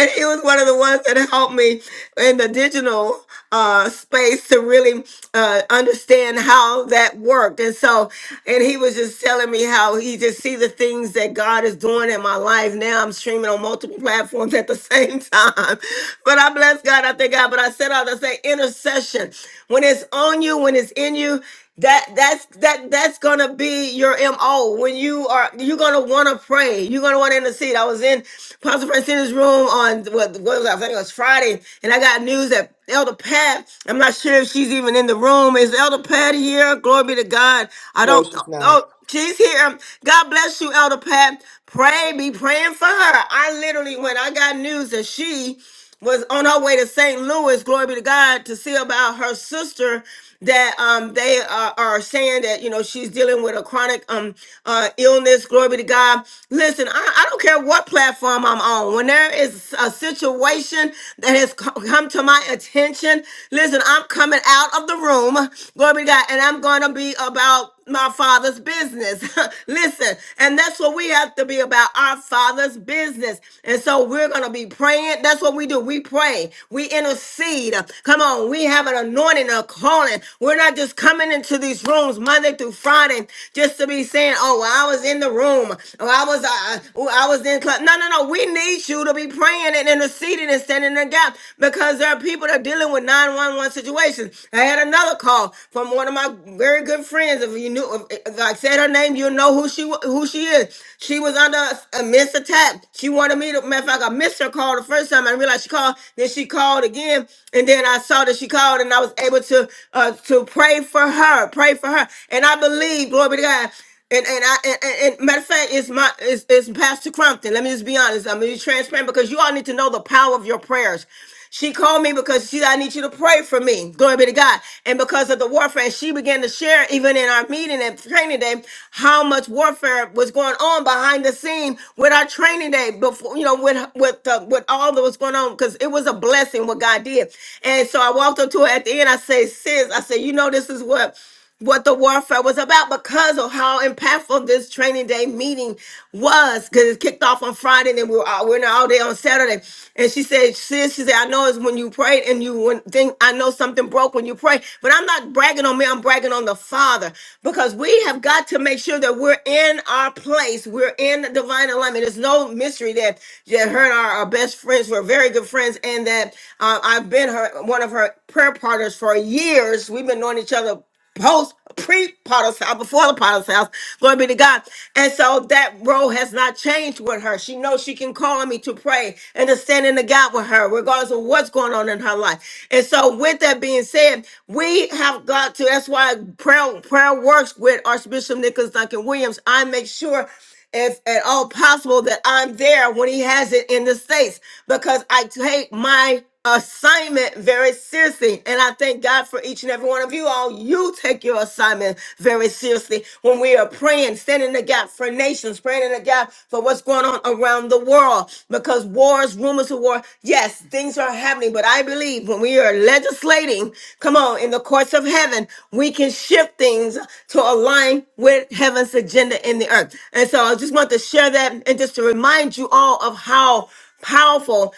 Speaker 1: And he was one of the ones that helped me in the digital uh, space to really uh, understand how that worked. And so, and he was just telling me how he just see the things that God is doing in my life. Now I'm streaming on multiple platforms at the same time. *laughs* But I bless God. I thank God. But I said all to say intercession person. When it's on you, when it's in you, that that's that that's gonna be your MO. When you are you're gonna wanna pray. You're gonna wanna intercede. I was in Pastor Francina's room on what, what was that? I think it was Friday, and I got news that Elder Pat, I'm not sure if she's even in the room. Is Elder Pat here? Glory be to God. I
Speaker 11: No,
Speaker 1: don't
Speaker 11: she's not.
Speaker 1: know. She's here. Um, God bless you, Elder Pat. Pray, be praying for her. I literally, when I got news that she was on her way to St. Louis, glory be to God, to see about her sister that um they are, are saying that you know she's dealing with a chronic um uh illness glory be to god listen I, I don't care what platform i'm on when there is a situation that has co- come to my attention listen i'm coming out of the room glory be to god and i'm going to be about my father's business. *laughs* Listen, and that's what we have to be about our father's business. And so we're going to be praying. That's what we do. We pray, we intercede. Come on, we have an anointing, a calling. We're not just coming into these rooms Monday through Friday just to be saying, oh, well, I was in the room. Oh, I was, uh, oh, I was in class. No, no, no. We need you to be praying and interceding and standing in the gap because there are people that are dealing with 911 situations situation. I had another call from one of my very good friends. If you knew, if, if I said her name, you'll know who she wa- who she is. She was under a, a missed attack. She wanted me to. Matter of fact, I missed her call the first time. I realized she called. Then she called again, and then I saw that she called, and I was able to uh, to pray for her, pray for her, and I believe, glory be to God. And and I and, and and matter of fact, it's my it's, it's Pastor Crumpton. Let me just be honest. I'm gonna be transparent because you all need to know the power of your prayers. She called me because she, I need you to pray for me. Glory be to God. And because of the warfare, and she began to share, even in our meeting and training day, how much warfare was going on behind the scene with our training day before, you know, with with uh, with all that was going on, because it was a blessing what God did. And so I walked up to her at the end. I say, sis, I say, you know, this is what what the warfare was about because of how impactful this training day meeting was. Because it kicked off on Friday, and then we were all, we were in there all day on Saturday. And she said, "Sis, she said, I know it's when you prayed, and you when thing, I know something broke when you prayed, but I'm not bragging on me. I'm bragging on the Father because we have got to make sure that we're in our place. We're in divine alignment. There's no mystery that that her and our, our best friends were very good friends, and that uh, I've been her one of her prayer partners for years. We've been knowing each other." post pre Potter's house, before the Potter's house. Glory be to God. And so that role has not changed with her. She knows she can call on me to pray and to stand in the gap with her, regardless of what's going on in her life. And so, with that being said, we have got to. That's why prayer prayer works with Archbishop Nicholas Duncan Williams. I make sure if at all possible, that I'm there when he has it in the States because I take my assignment very seriously. And I thank God for each and every one of you all. You take your assignment very seriously when we are praying, standing in the gap for nations, praying in the gap for what's going on around the world. Because wars, rumors of war, yes, things are happening. But I believe when we are legislating, come on, in the courts of heaven, we can shift things to align with heaven's agenda in the earth. And so I just want to share that and just to remind you all of how powerful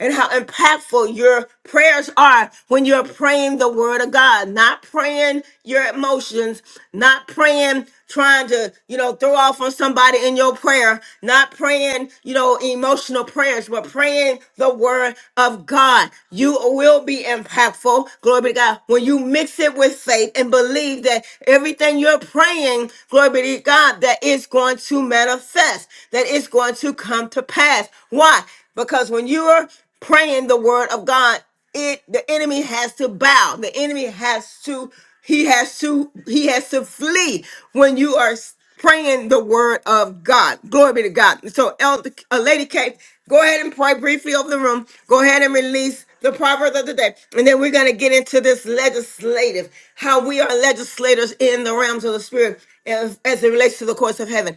Speaker 1: and how impactful your prayers are when you're praying the word of God, not praying your emotions, not praying trying to, you know, throw off on somebody in your prayer, not praying, you know, emotional prayers, but praying the word of God. You will be impactful, glory be to God, when you mix it with faith and believe that everything you're praying, glory be to God, that it's going to manifest, that it's going to come to pass. Why? Because when you are praying the word of God, it the enemy has to bow. The enemy has to he has to he has to flee when you are praying the word of God. Glory be to God. So Elder uh, Lady Kate, go ahead and pray briefly over the room. Go ahead and release the proverb of the day. And then we're going to get into this legislative, how we are legislators in the realms of the spirit as, as it relates to the courts of heaven.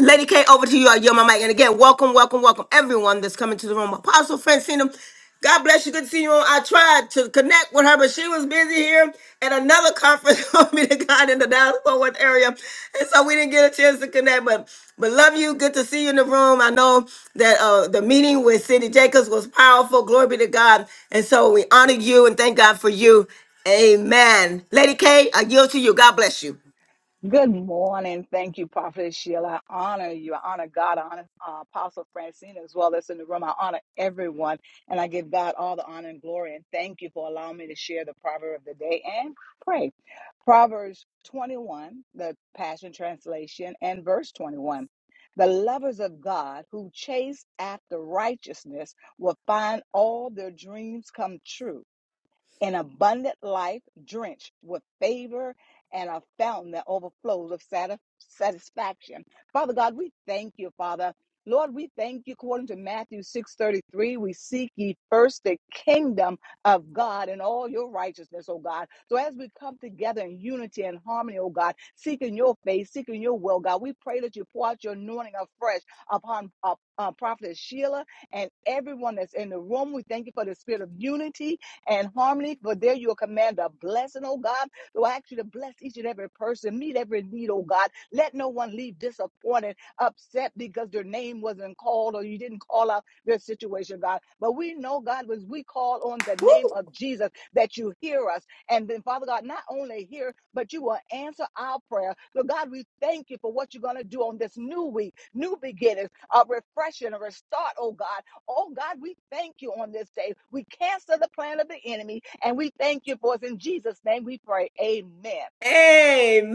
Speaker 1: Lady K, over to you. I yield my mic. And again, welcome, welcome, welcome everyone that's coming to the room. Apostle Francina, God bless you. Good to see you on. I tried to connect with her, but she was busy here at another conference *laughs* for me to God in the Dallas Fort Worth area. And so we didn't get a chance to connect. But but love you. Good to see you in the room. I know that uh, the meeting with Cindy Jacobs was powerful. Glory be to God. And so we honor you and thank God for you. Amen. Lady K, I yield to you. God bless you.
Speaker 12: Good morning. Thank you, Prophet Sheila. I honor you. I honor God. I honor uh, Apostle Francine as well that's in the room. I honor everyone. And I give God all the honor and glory. And thank you for allowing me to share the proverb of the day and pray. Proverbs 21, the Passion Translation, and verse 21. The lovers of God who chase after righteousness will find all their dreams come true an abundant life drenched with favor and a fountain that overflows of sati- satisfaction. Father God, we thank you, Father. Lord, we thank you according to Matthew 6:33. We seek ye first the kingdom of God and all your righteousness, oh God. So as we come together in unity and harmony, oh God, seeking your face, seeking your will, God, we pray that you pour out your anointing afresh upon uh, uh, Prophet Sheila and everyone that's in the room. We thank you for the spirit of unity and harmony. For there you will command a blessing, oh God. So I ask you to bless each and every person, meet every need, oh God. Let no one leave disappointed, upset because their name wasn't called or you didn't call out their situation, God. But we know, God, was we call on the name of Jesus that you hear us. And then, Father God, not only hear, but you will answer our prayer. So, God, we thank you for what you're going to do on this new week, new beginnings, a refreshing, a restart, oh God. Oh God, we thank you on this day. We cancel the plan of the enemy and we thank you for it. In Jesus' name we pray. Amen.
Speaker 1: Amen,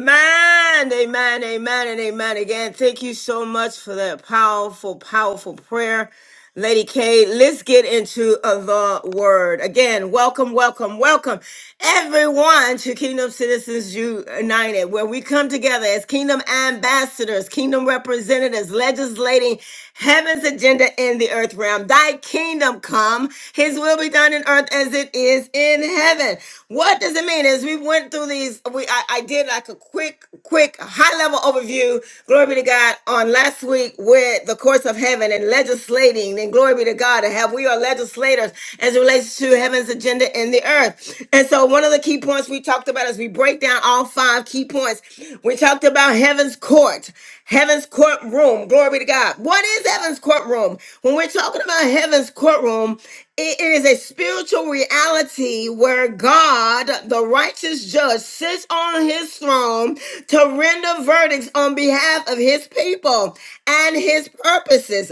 Speaker 1: amen, amen, and amen again. Thank you so much for that powerful, powerful prayer, Lady K. Let's get into uh, the word again. Welcome, welcome, welcome, everyone to Kingdom Citizens United, where we come together as kingdom ambassadors, kingdom representatives, legislating heaven's agenda in the earth realm. Thy kingdom come, his will be done in earth as it is in heaven. What does it mean? As we went through these, we I, I did like a quick, quick, high level overview. Glory be to God on last week with the courts of heaven and legislating. And glory be to God and have we are legislators as it relates to heaven's agenda in the earth. And so one of the key points we talked about as we break down all five key points, we talked about heaven's court, heaven's courtroom. Glory be to God. What is heaven's courtroom? When we're talking about heaven's courtroom, it is a spiritual reality where God, the righteous judge, sits on on his throne to render verdicts on behalf of his people and his purposes.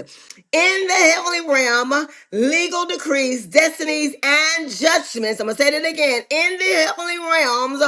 Speaker 1: In the heavenly realm, legal decrees, destinies, and judgments. I'm going to say that again. In the heavenly realms,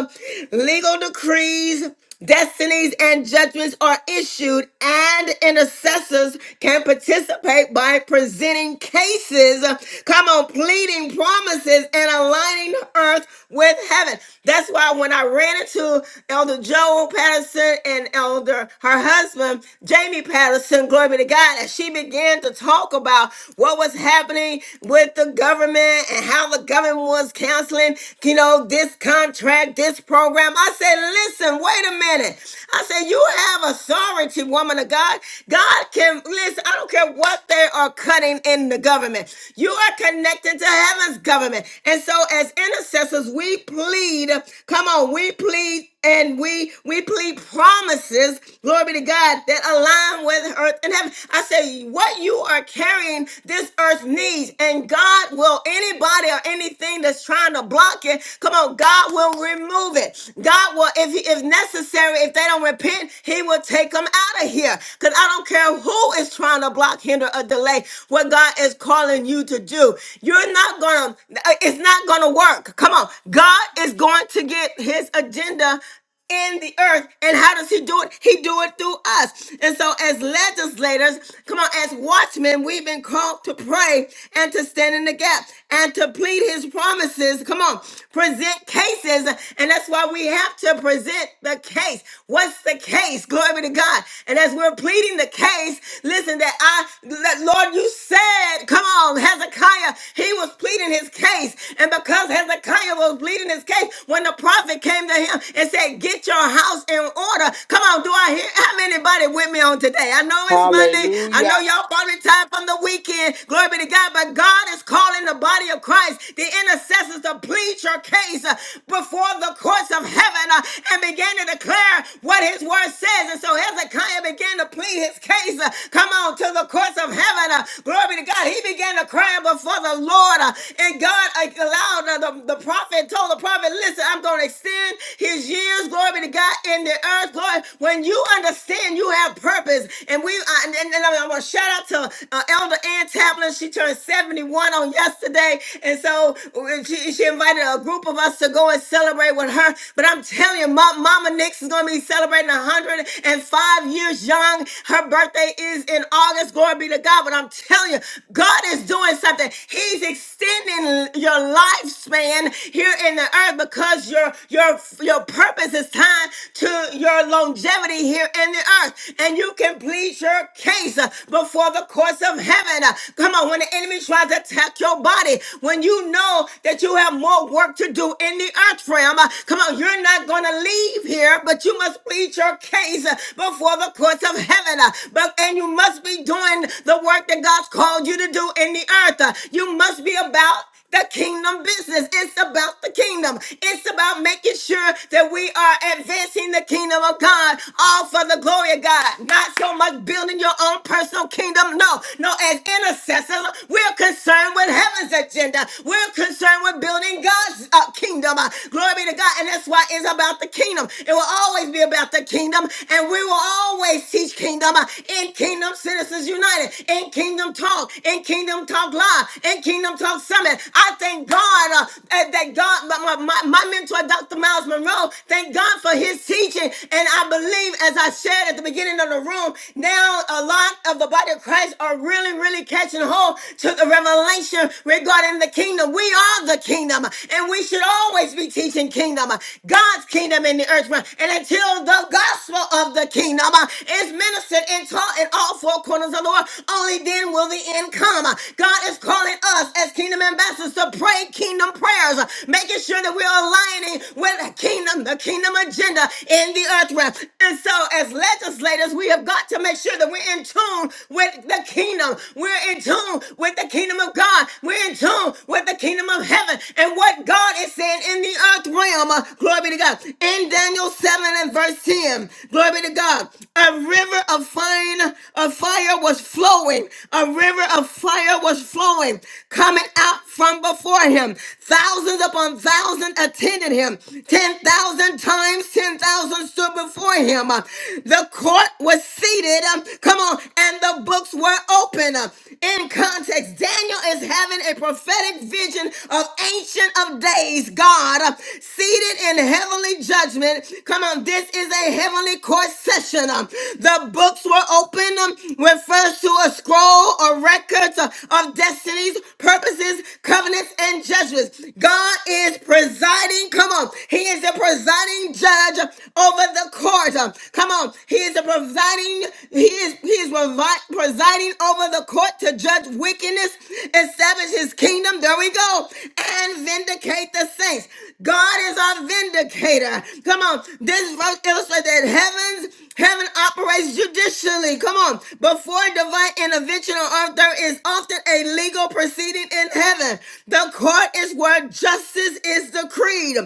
Speaker 1: legal decrees, Destinies and judgments are issued, and intercessors can participate by presenting cases, come on, pleading promises, and aligning earth with heaven. That's why when I ran into Elder Joel Patterson and Elder, her husband, Jamie Patterson, glory be to God, and she began to talk about what was happening with the government and how the government was counseling, you know, this contract, this program. I said, listen, wait a minute. I said, you have authority, woman of God. God can, listen, I don't care what they are cutting in the government. You are connected to heaven's government. And so as intercessors, we plead, come on, we plead and we we plead promises, glory be to God, that align with earth and heaven. I say, what you are carrying, this earth needs, and God will anybody or anything that's trying to block it, come on, God will remove it. God God will, if he, if necessary, if they don't repent, He will take them out of here. Cause I don't care who is trying to block, hinder, or delay what God is calling you to do. You're not gonna. It's not gonna work. Come on, God is going to get His agenda in the earth. And how does he do it? He do it through us. And so as legislators, come on, as watchmen, we've been called to pray and to stand in the gap and to plead his promises. Come on, present cases. And that's why we have to present the case. What's the case? Glory to God. And as we're pleading the case, listen that I that Lord, you said, come on, Hezekiah, he was pleading his case. And because Hezekiah was pleading his case, when the prophet came to him and said, and get your house in order. Come on, do I hear how many body with me on today? I know it's Monday. I know
Speaker 11: Hallelujah.
Speaker 1: y'all probably tired from the weekend. Glory be to God, but God is calling the body of Christ, the intercessors, to plead your case uh, before the courts of heaven uh, and begin to declare what his word says. And so Hezekiah began to plead his case. uh, Come on, to the courts of heaven. uh, Glory be to God. He began to cry before the Lord. uh, And God uh, allowed uh, the, the prophet, told the prophet, listen, I'm going to extend his years heavens, glory be to God, in the earth, glory. When you understand you have purpose, and we, uh, and, and, and I'm gonna shout out to uh, Elder Ann Taplin. She turned 71 on yesterday, and so uh, she, she invited a group of us to go and celebrate with her. But I'm telling you, Ma- Mama Nix is gonna be celebrating 105 years young. Her birthday is in August. Glory be to God. But I'm telling you, God is doing something. He's extending your lifespan here in the earth because your your your purpose is tied to your longevity here in the earth. And you can plead your case uh, before the courts of heaven. Uh, Come on, when the enemy tries to attack your body, when you know that you have more work to do in the earth realm, uh, come on, you're not going to leave here, but you must plead your case uh, before the courts of heaven. Uh, But and you must be doing the work that God's called you to do in the earth. Uh, You must be about the kingdom business. It's about the kingdom. It's about making sure that we are advancing the kingdom of God, all for the glory of God. Not so much building your own personal kingdom. No, no, as intercessors, we're concerned with heaven's agenda. We're concerned with building God's uh, kingdom. Uh, glory be to God. And that's why it's about the kingdom. It will always be about the kingdom. And we will always teach kingdom uh, in Kingdom Citizens United, in Kingdom Talk, in Kingdom Talk Live, in Kingdom Talk Summit. I thank God uh, that that God, my, my, my mentor, Dr. Miles Monroe, thank God for his teaching. And I believe, as I shared at the beginning of the room, now a lot of the body of Christ are really, really catching hold to the revelation regarding the kingdom. We are the kingdom, and we should always be teaching kingdom, God's kingdom in the earth. realm. And until the gospel of the kingdom uh, is ministered and taught in all four corners of the world, only then will the end come come. God is calling us as kingdom ambassadors to pray kingdom prayers, making sure that we're aligning with the kingdom, the kingdom agenda in the earth realm. And so, as legislators, we have got to make sure that we're in tune with the kingdom. We're in tune with the kingdom of God. We're in tune with the kingdom of heaven and what God is saying in the earth realm. Uh, Glory be to God. In Daniel 7 and verse 10, glory be to God. A river of fine of fire was flowing a river of fire was flowing, coming out from before him. Thousands upon thousands attended him. 10,000 times 10,000 stood before him. Uh, The court was seated. um, Come on. And the books were open. Uh, In context, Daniel is having a prophetic vision of Ancient of Days, God, uh, seated in heavenly judgment. Come on. This is a heavenly court session. Um, The books were open. um, refers to a scroll or records uh, of destinies, purposes, covenants, and judgments. God is presiding. Come on. He is the presiding judge over the court. Um, Come on. He is the presiding, he is he is previ- presiding over the court to judge wickedness, establish his kingdom. There we go. And vindicate the saints. God is our vindicator. Come on. This verse illustrates that heavens, heaven operates judicially. Come on. Before divine intervention on earth, there is often a legal proceeding in heaven. The court is where justice is decreed.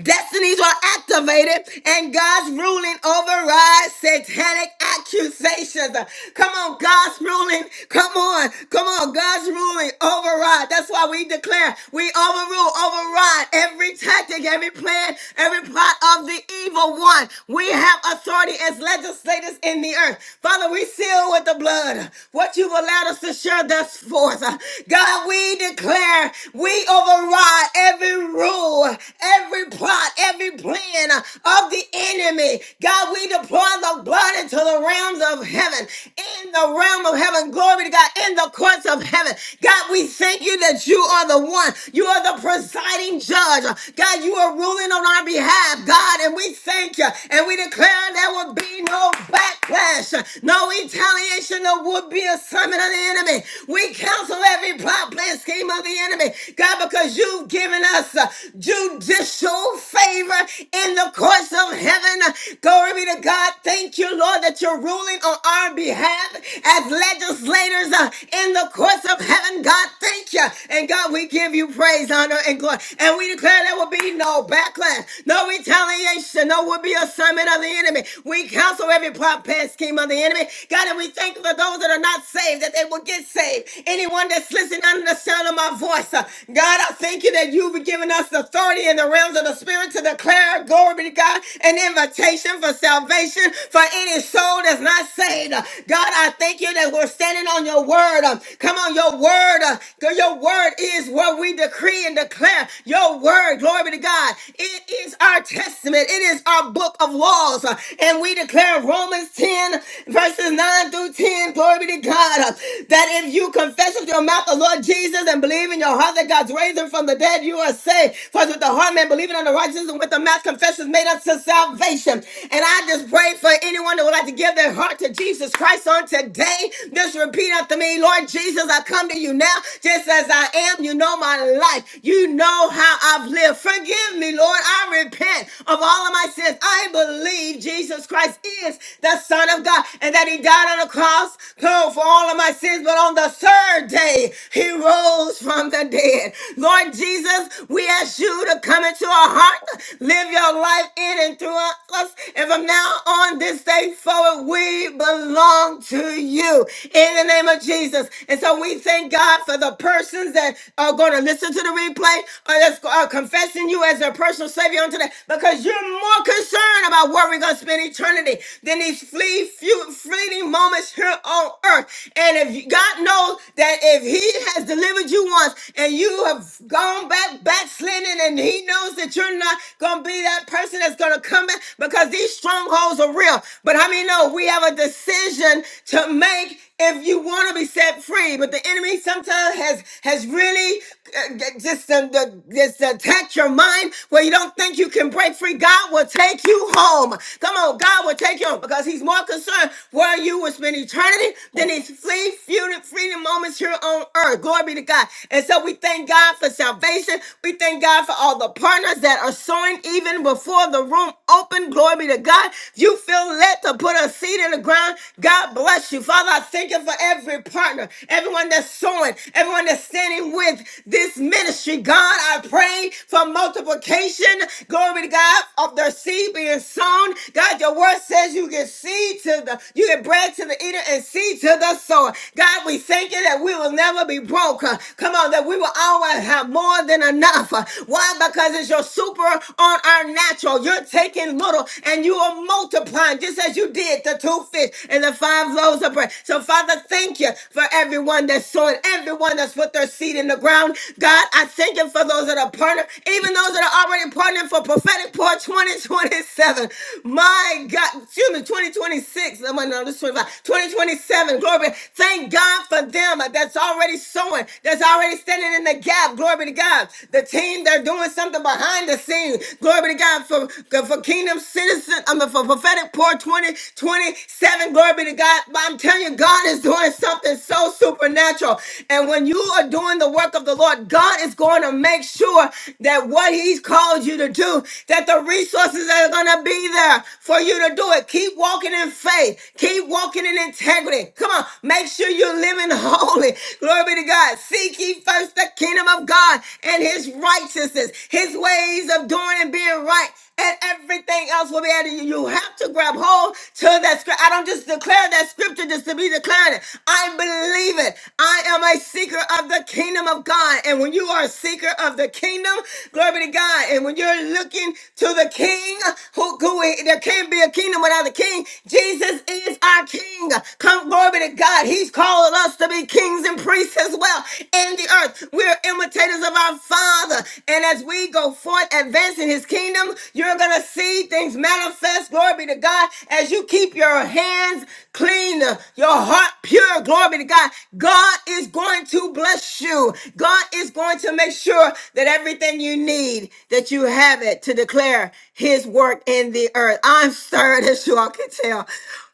Speaker 1: Destinies are activated and God's ruling overrides satanic accusations. Come on, God's ruling. Come on. Come on. God's ruling override. That's why we declare we overrule, override God, every tactic, every plan, every plot of the evil one. We have authority as legislators in the earth. Father, we seal with the blood what you've allowed us to share thus forth. God, we declare we override every rule, every plot, every plan of the enemy. God, we deploy the blood into the realms of heaven, in the realm of heaven. Glory to God, in the courts of heaven. God, we thank you that you are the one. You are the presiding judge. God, you are ruling on our behalf, God, and we thank you. And we declare there will be no backlash, no retaliation, no would be assignment of the enemy. We cancel every plot, plan, scheme of the enemy, God, because you've given us uh, judicial favor in the courts of heaven. Glory be to God. Thank you, Lord, that you're ruling on our behalf as legislators uh, in the courts of heaven. God, thank you. And God, we give you you praise, honor, and glory. And we declare there will be no backlash, no retaliation, no will be assignment of the enemy. We counsel every plot, plan, scheme of the enemy. God, and we thank you for those that are not saved, that they will get saved. Anyone that's listening under the sound of my voice, uh, God, I thank you that you've given us the authority in the realms of the spirit to declare, glory be to God, an invitation for salvation for any soul that's not saved. Uh, God, I thank you that we're standing on your word. Uh, Come on, your word. uh, Your word word is what we decree and declare. Your word, glory be to God. It is our testament. It is our book of laws. Uh, And we declare Romans 10 verses 9 through 10, glory be to God, uh, that if you confess with your mouth the Lord Jesus and believe in your heart that God's raised him from the dead, you are saved. For with the heart man believing on the righteousness and with the mouth confession is made unto salvation. And I just pray for anyone that would like to give their heart to Jesus Christ on today. Just repeat after me, Lord Jesus, I come to you now just as I am. You know my life. You know how I've lived. Forgive me, Lord. I repent of all of my sins. I believe Jesus Christ is the Son of God and that He died on the cross oh, for all of my sins. But on the third day, He rose from the dead. Lord Jesus, we ask you to come into our heart, live your life in and through us. And from now on, this day forward, we belong to you in the name of Jesus. And so we thank God for the persons that are going to listen to the replay or that's uh, confessing you as their personal savior on today because you're more concerned about where we're going to spend eternity than these flee, few, fleeting moments here on earth. And if you- God knows that if He has delivered you once and you have gone back backsliding, and He knows that you're not going to be that person that's going to come back because these strongholds are real. But how many know we have a decision to make? If you want to be set set free. But the enemy sometimes has has really uh, g- just um, the, just attacked your mind where you don't think you can break free. God will take you home. Come on, God will take you home because He's more concerned where you will spend eternity than His free freedom, freedom moments here on earth. Glory be to God. And so we thank God for salvation. We thank God for all the partners that are sowing even before the room open. Glory be to God. If you feel led to put a seed in the ground, God bless you. Father, I thank you for every every partner, everyone that's sowing, everyone that's standing with this ministry. God, I pray for multiplication. Glory to God of their seed being sown. God, your word says you give seed to the, you give bread to the eater and seed to the sower. God, we thank you that we will never be broke. Uh, Come on, that we will always have more than enough. Uh, Why? Because it's your super on our natural. You're taking little and you are multiplying just as you did the two fish and the five loaves of bread. So, Father, thank you for everyone that's sowing, everyone that's put their seed in the ground. God, I thank you for those that are partnered, even those that are already partnering for prophetic pour 2027. My God, excuse me, 2026. No, no, this is 25. 2027. Glory. be- Thank God for them that's already sowing, that's already standing in the gap. Glory be to God. The team, they're doing something behind the scenes. Glory be to God for, for kingdom citizen. I mean, for prophetic pour 2027. Glory be to God. God, I'm telling you, God is doing something so supernatural. And when you are doing the work of the Lord, God is going to make sure that what He's called you to do, that the resources are going to be there for you to do it. Keep walking in faith. Keep walking in integrity. Come on. Make sure you're living *laughs* holy. Glory be to God. Seek ye first the kingdom of God and His righteousness, His ways of doing and being right and everything else will be added. You have to grab hold to that scripture. I don't just declare that scripture just to be declaring it. I believe it. I am a seeker of the kingdom of God. And when you are a seeker of the kingdom, glory be to God. And when you're looking to the king, who, who there can't be a kingdom without a king. Jesus is our king. Come, glory be to God. He's calling us to be kings and priests as well in the earth. We're imitators of our Father. And as we go forth advancing his kingdom, you're going to see things manifest, glory be to God, as you keep your hands clean, uh, your heart pure, glory be to God. God is going to bless you. God is going to make sure that everything you need, that you have it to declare his work in the earth. I'm stirred, as you all can tell.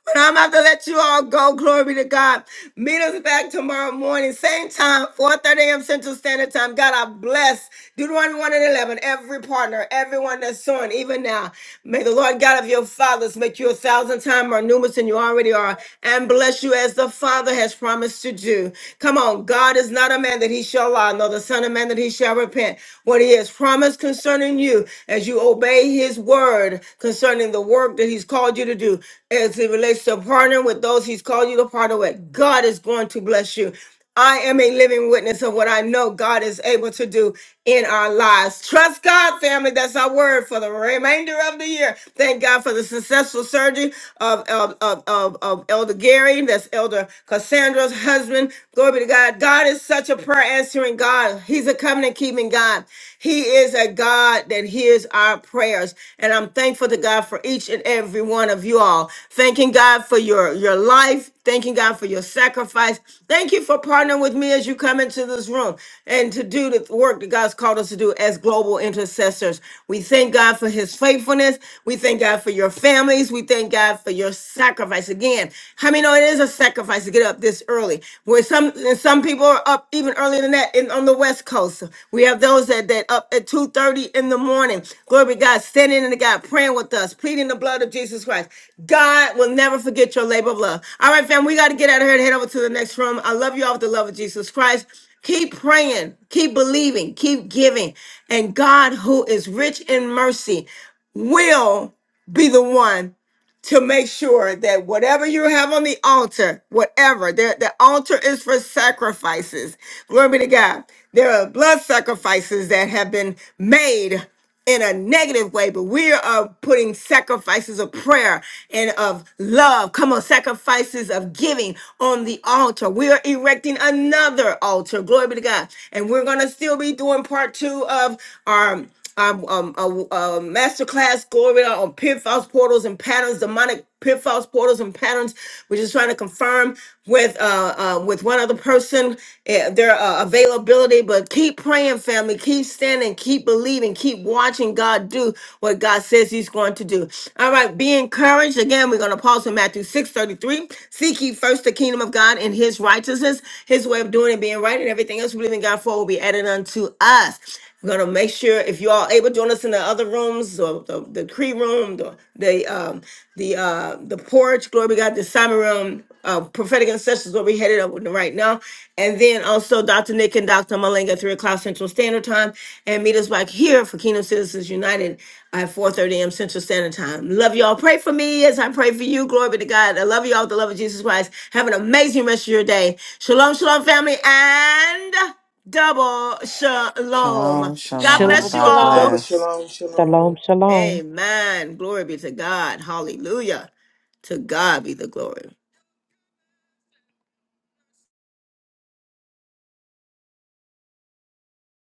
Speaker 1: But I'm about to let you all go. Glory be to God. Meet us back tomorrow morning, same time, 4:30 a.m. Central Standard Time. God, I bless Deuteronomy 1 and 11, every partner, everyone that's sowing, even now. May the Lord God of your fathers make you a thousand times more numerous than you already are, and bless you as the Father has promised to do. Come on, God is not a man that he shall lie, nor the Son of Man that he shall repent. What he has promised concerning you, as you obey his word concerning the work that he's called you to do, as it relates to partnering with those he's called you to partner with. God is going to bless you. I am a living witness of what I know God is able to do in our lives. Trust God, family. That's our word for the remainder of the year. Thank God for the successful surgery of, of, of, of, of Elder Gary. That's Elder Cassandra's husband. Glory be to God. God is such a prayer answering God. He's a covenant keeping God. He is a God that hears our prayers. And I'm thankful to God for each and every one of you all. Thanking God for your, your life. Thanking God for your sacrifice. Thank you for partnering with me as you come into this room and to do the work that God's called us to do as global intercessors. We thank God for his faithfulness. We thank God for your families. We thank God for your sacrifice. Again, I mean, no, it is a sacrifice sacrifice to get up this early. Where some and some people are up even earlier than that in, on the West Coast. We have those that, that up at 2:30 in the morning. Glory be to God, standing in the God, praying with us, pleading the blood of Jesus Christ. God will never forget your labor of love. All right, fam, we got to get out of here and head over to the next room. I love you all with the love of Jesus Christ. Keep praying, keep believing, keep giving. And God, who is rich in mercy, will be the one to make sure that whatever you have on the altar, whatever, the, the altar is for sacrifices. Glory be to God. There are blood sacrifices that have been made in a negative way, but we are putting sacrifices of prayer and of love. Come on, sacrifices of giving on the altar. We are erecting another altar. Glory be to God. And we're going to still be doing part two of our um, um, a, a master class glory to God, on pitfalls, portals, and patterns, demonic pitfalls, portals, and patterns. We're just trying to confirm with uh, uh with one other person uh, their uh, availability. But keep praying, family. Keep standing. Keep believing. Keep watching God do what God says He's going to do. All right. Be encouraged. Again, we're going to pause in Matthew six thirty three. Seek ye first the kingdom of God and His righteousness, His way of doing and being right, and everything else we believe in God for will be added unto us. I'm gonna make sure if you all able to join us in the other rooms or the, the Cree room, the the um the uh the porch, glory be God, the Simon room, uh prophetic ancestors where we headed up with right now. And then also Dr. Nick and Dr. Malenga, at three o'clock Central Standard Time, and meet us back here for Kingdom Citizens United at 4 30 a.m. Central Standard Time. Love y'all. Pray for me as I pray for you. Glory be to God. I love y'all with the love of Jesus Christ. Have an amazing rest of your day. Shalom, shalom, family, and Double shalom.
Speaker 3: Shalom,
Speaker 1: God
Speaker 3: shalom.
Speaker 1: bless
Speaker 10: Shalom,
Speaker 1: you
Speaker 3: God
Speaker 10: shalom.
Speaker 1: all.
Speaker 11: Double
Speaker 3: bless.
Speaker 11: shalom, shalom.
Speaker 13: Shalom, shalom.
Speaker 1: Amen. Glory be to God. Hallelujah. To God be the glory.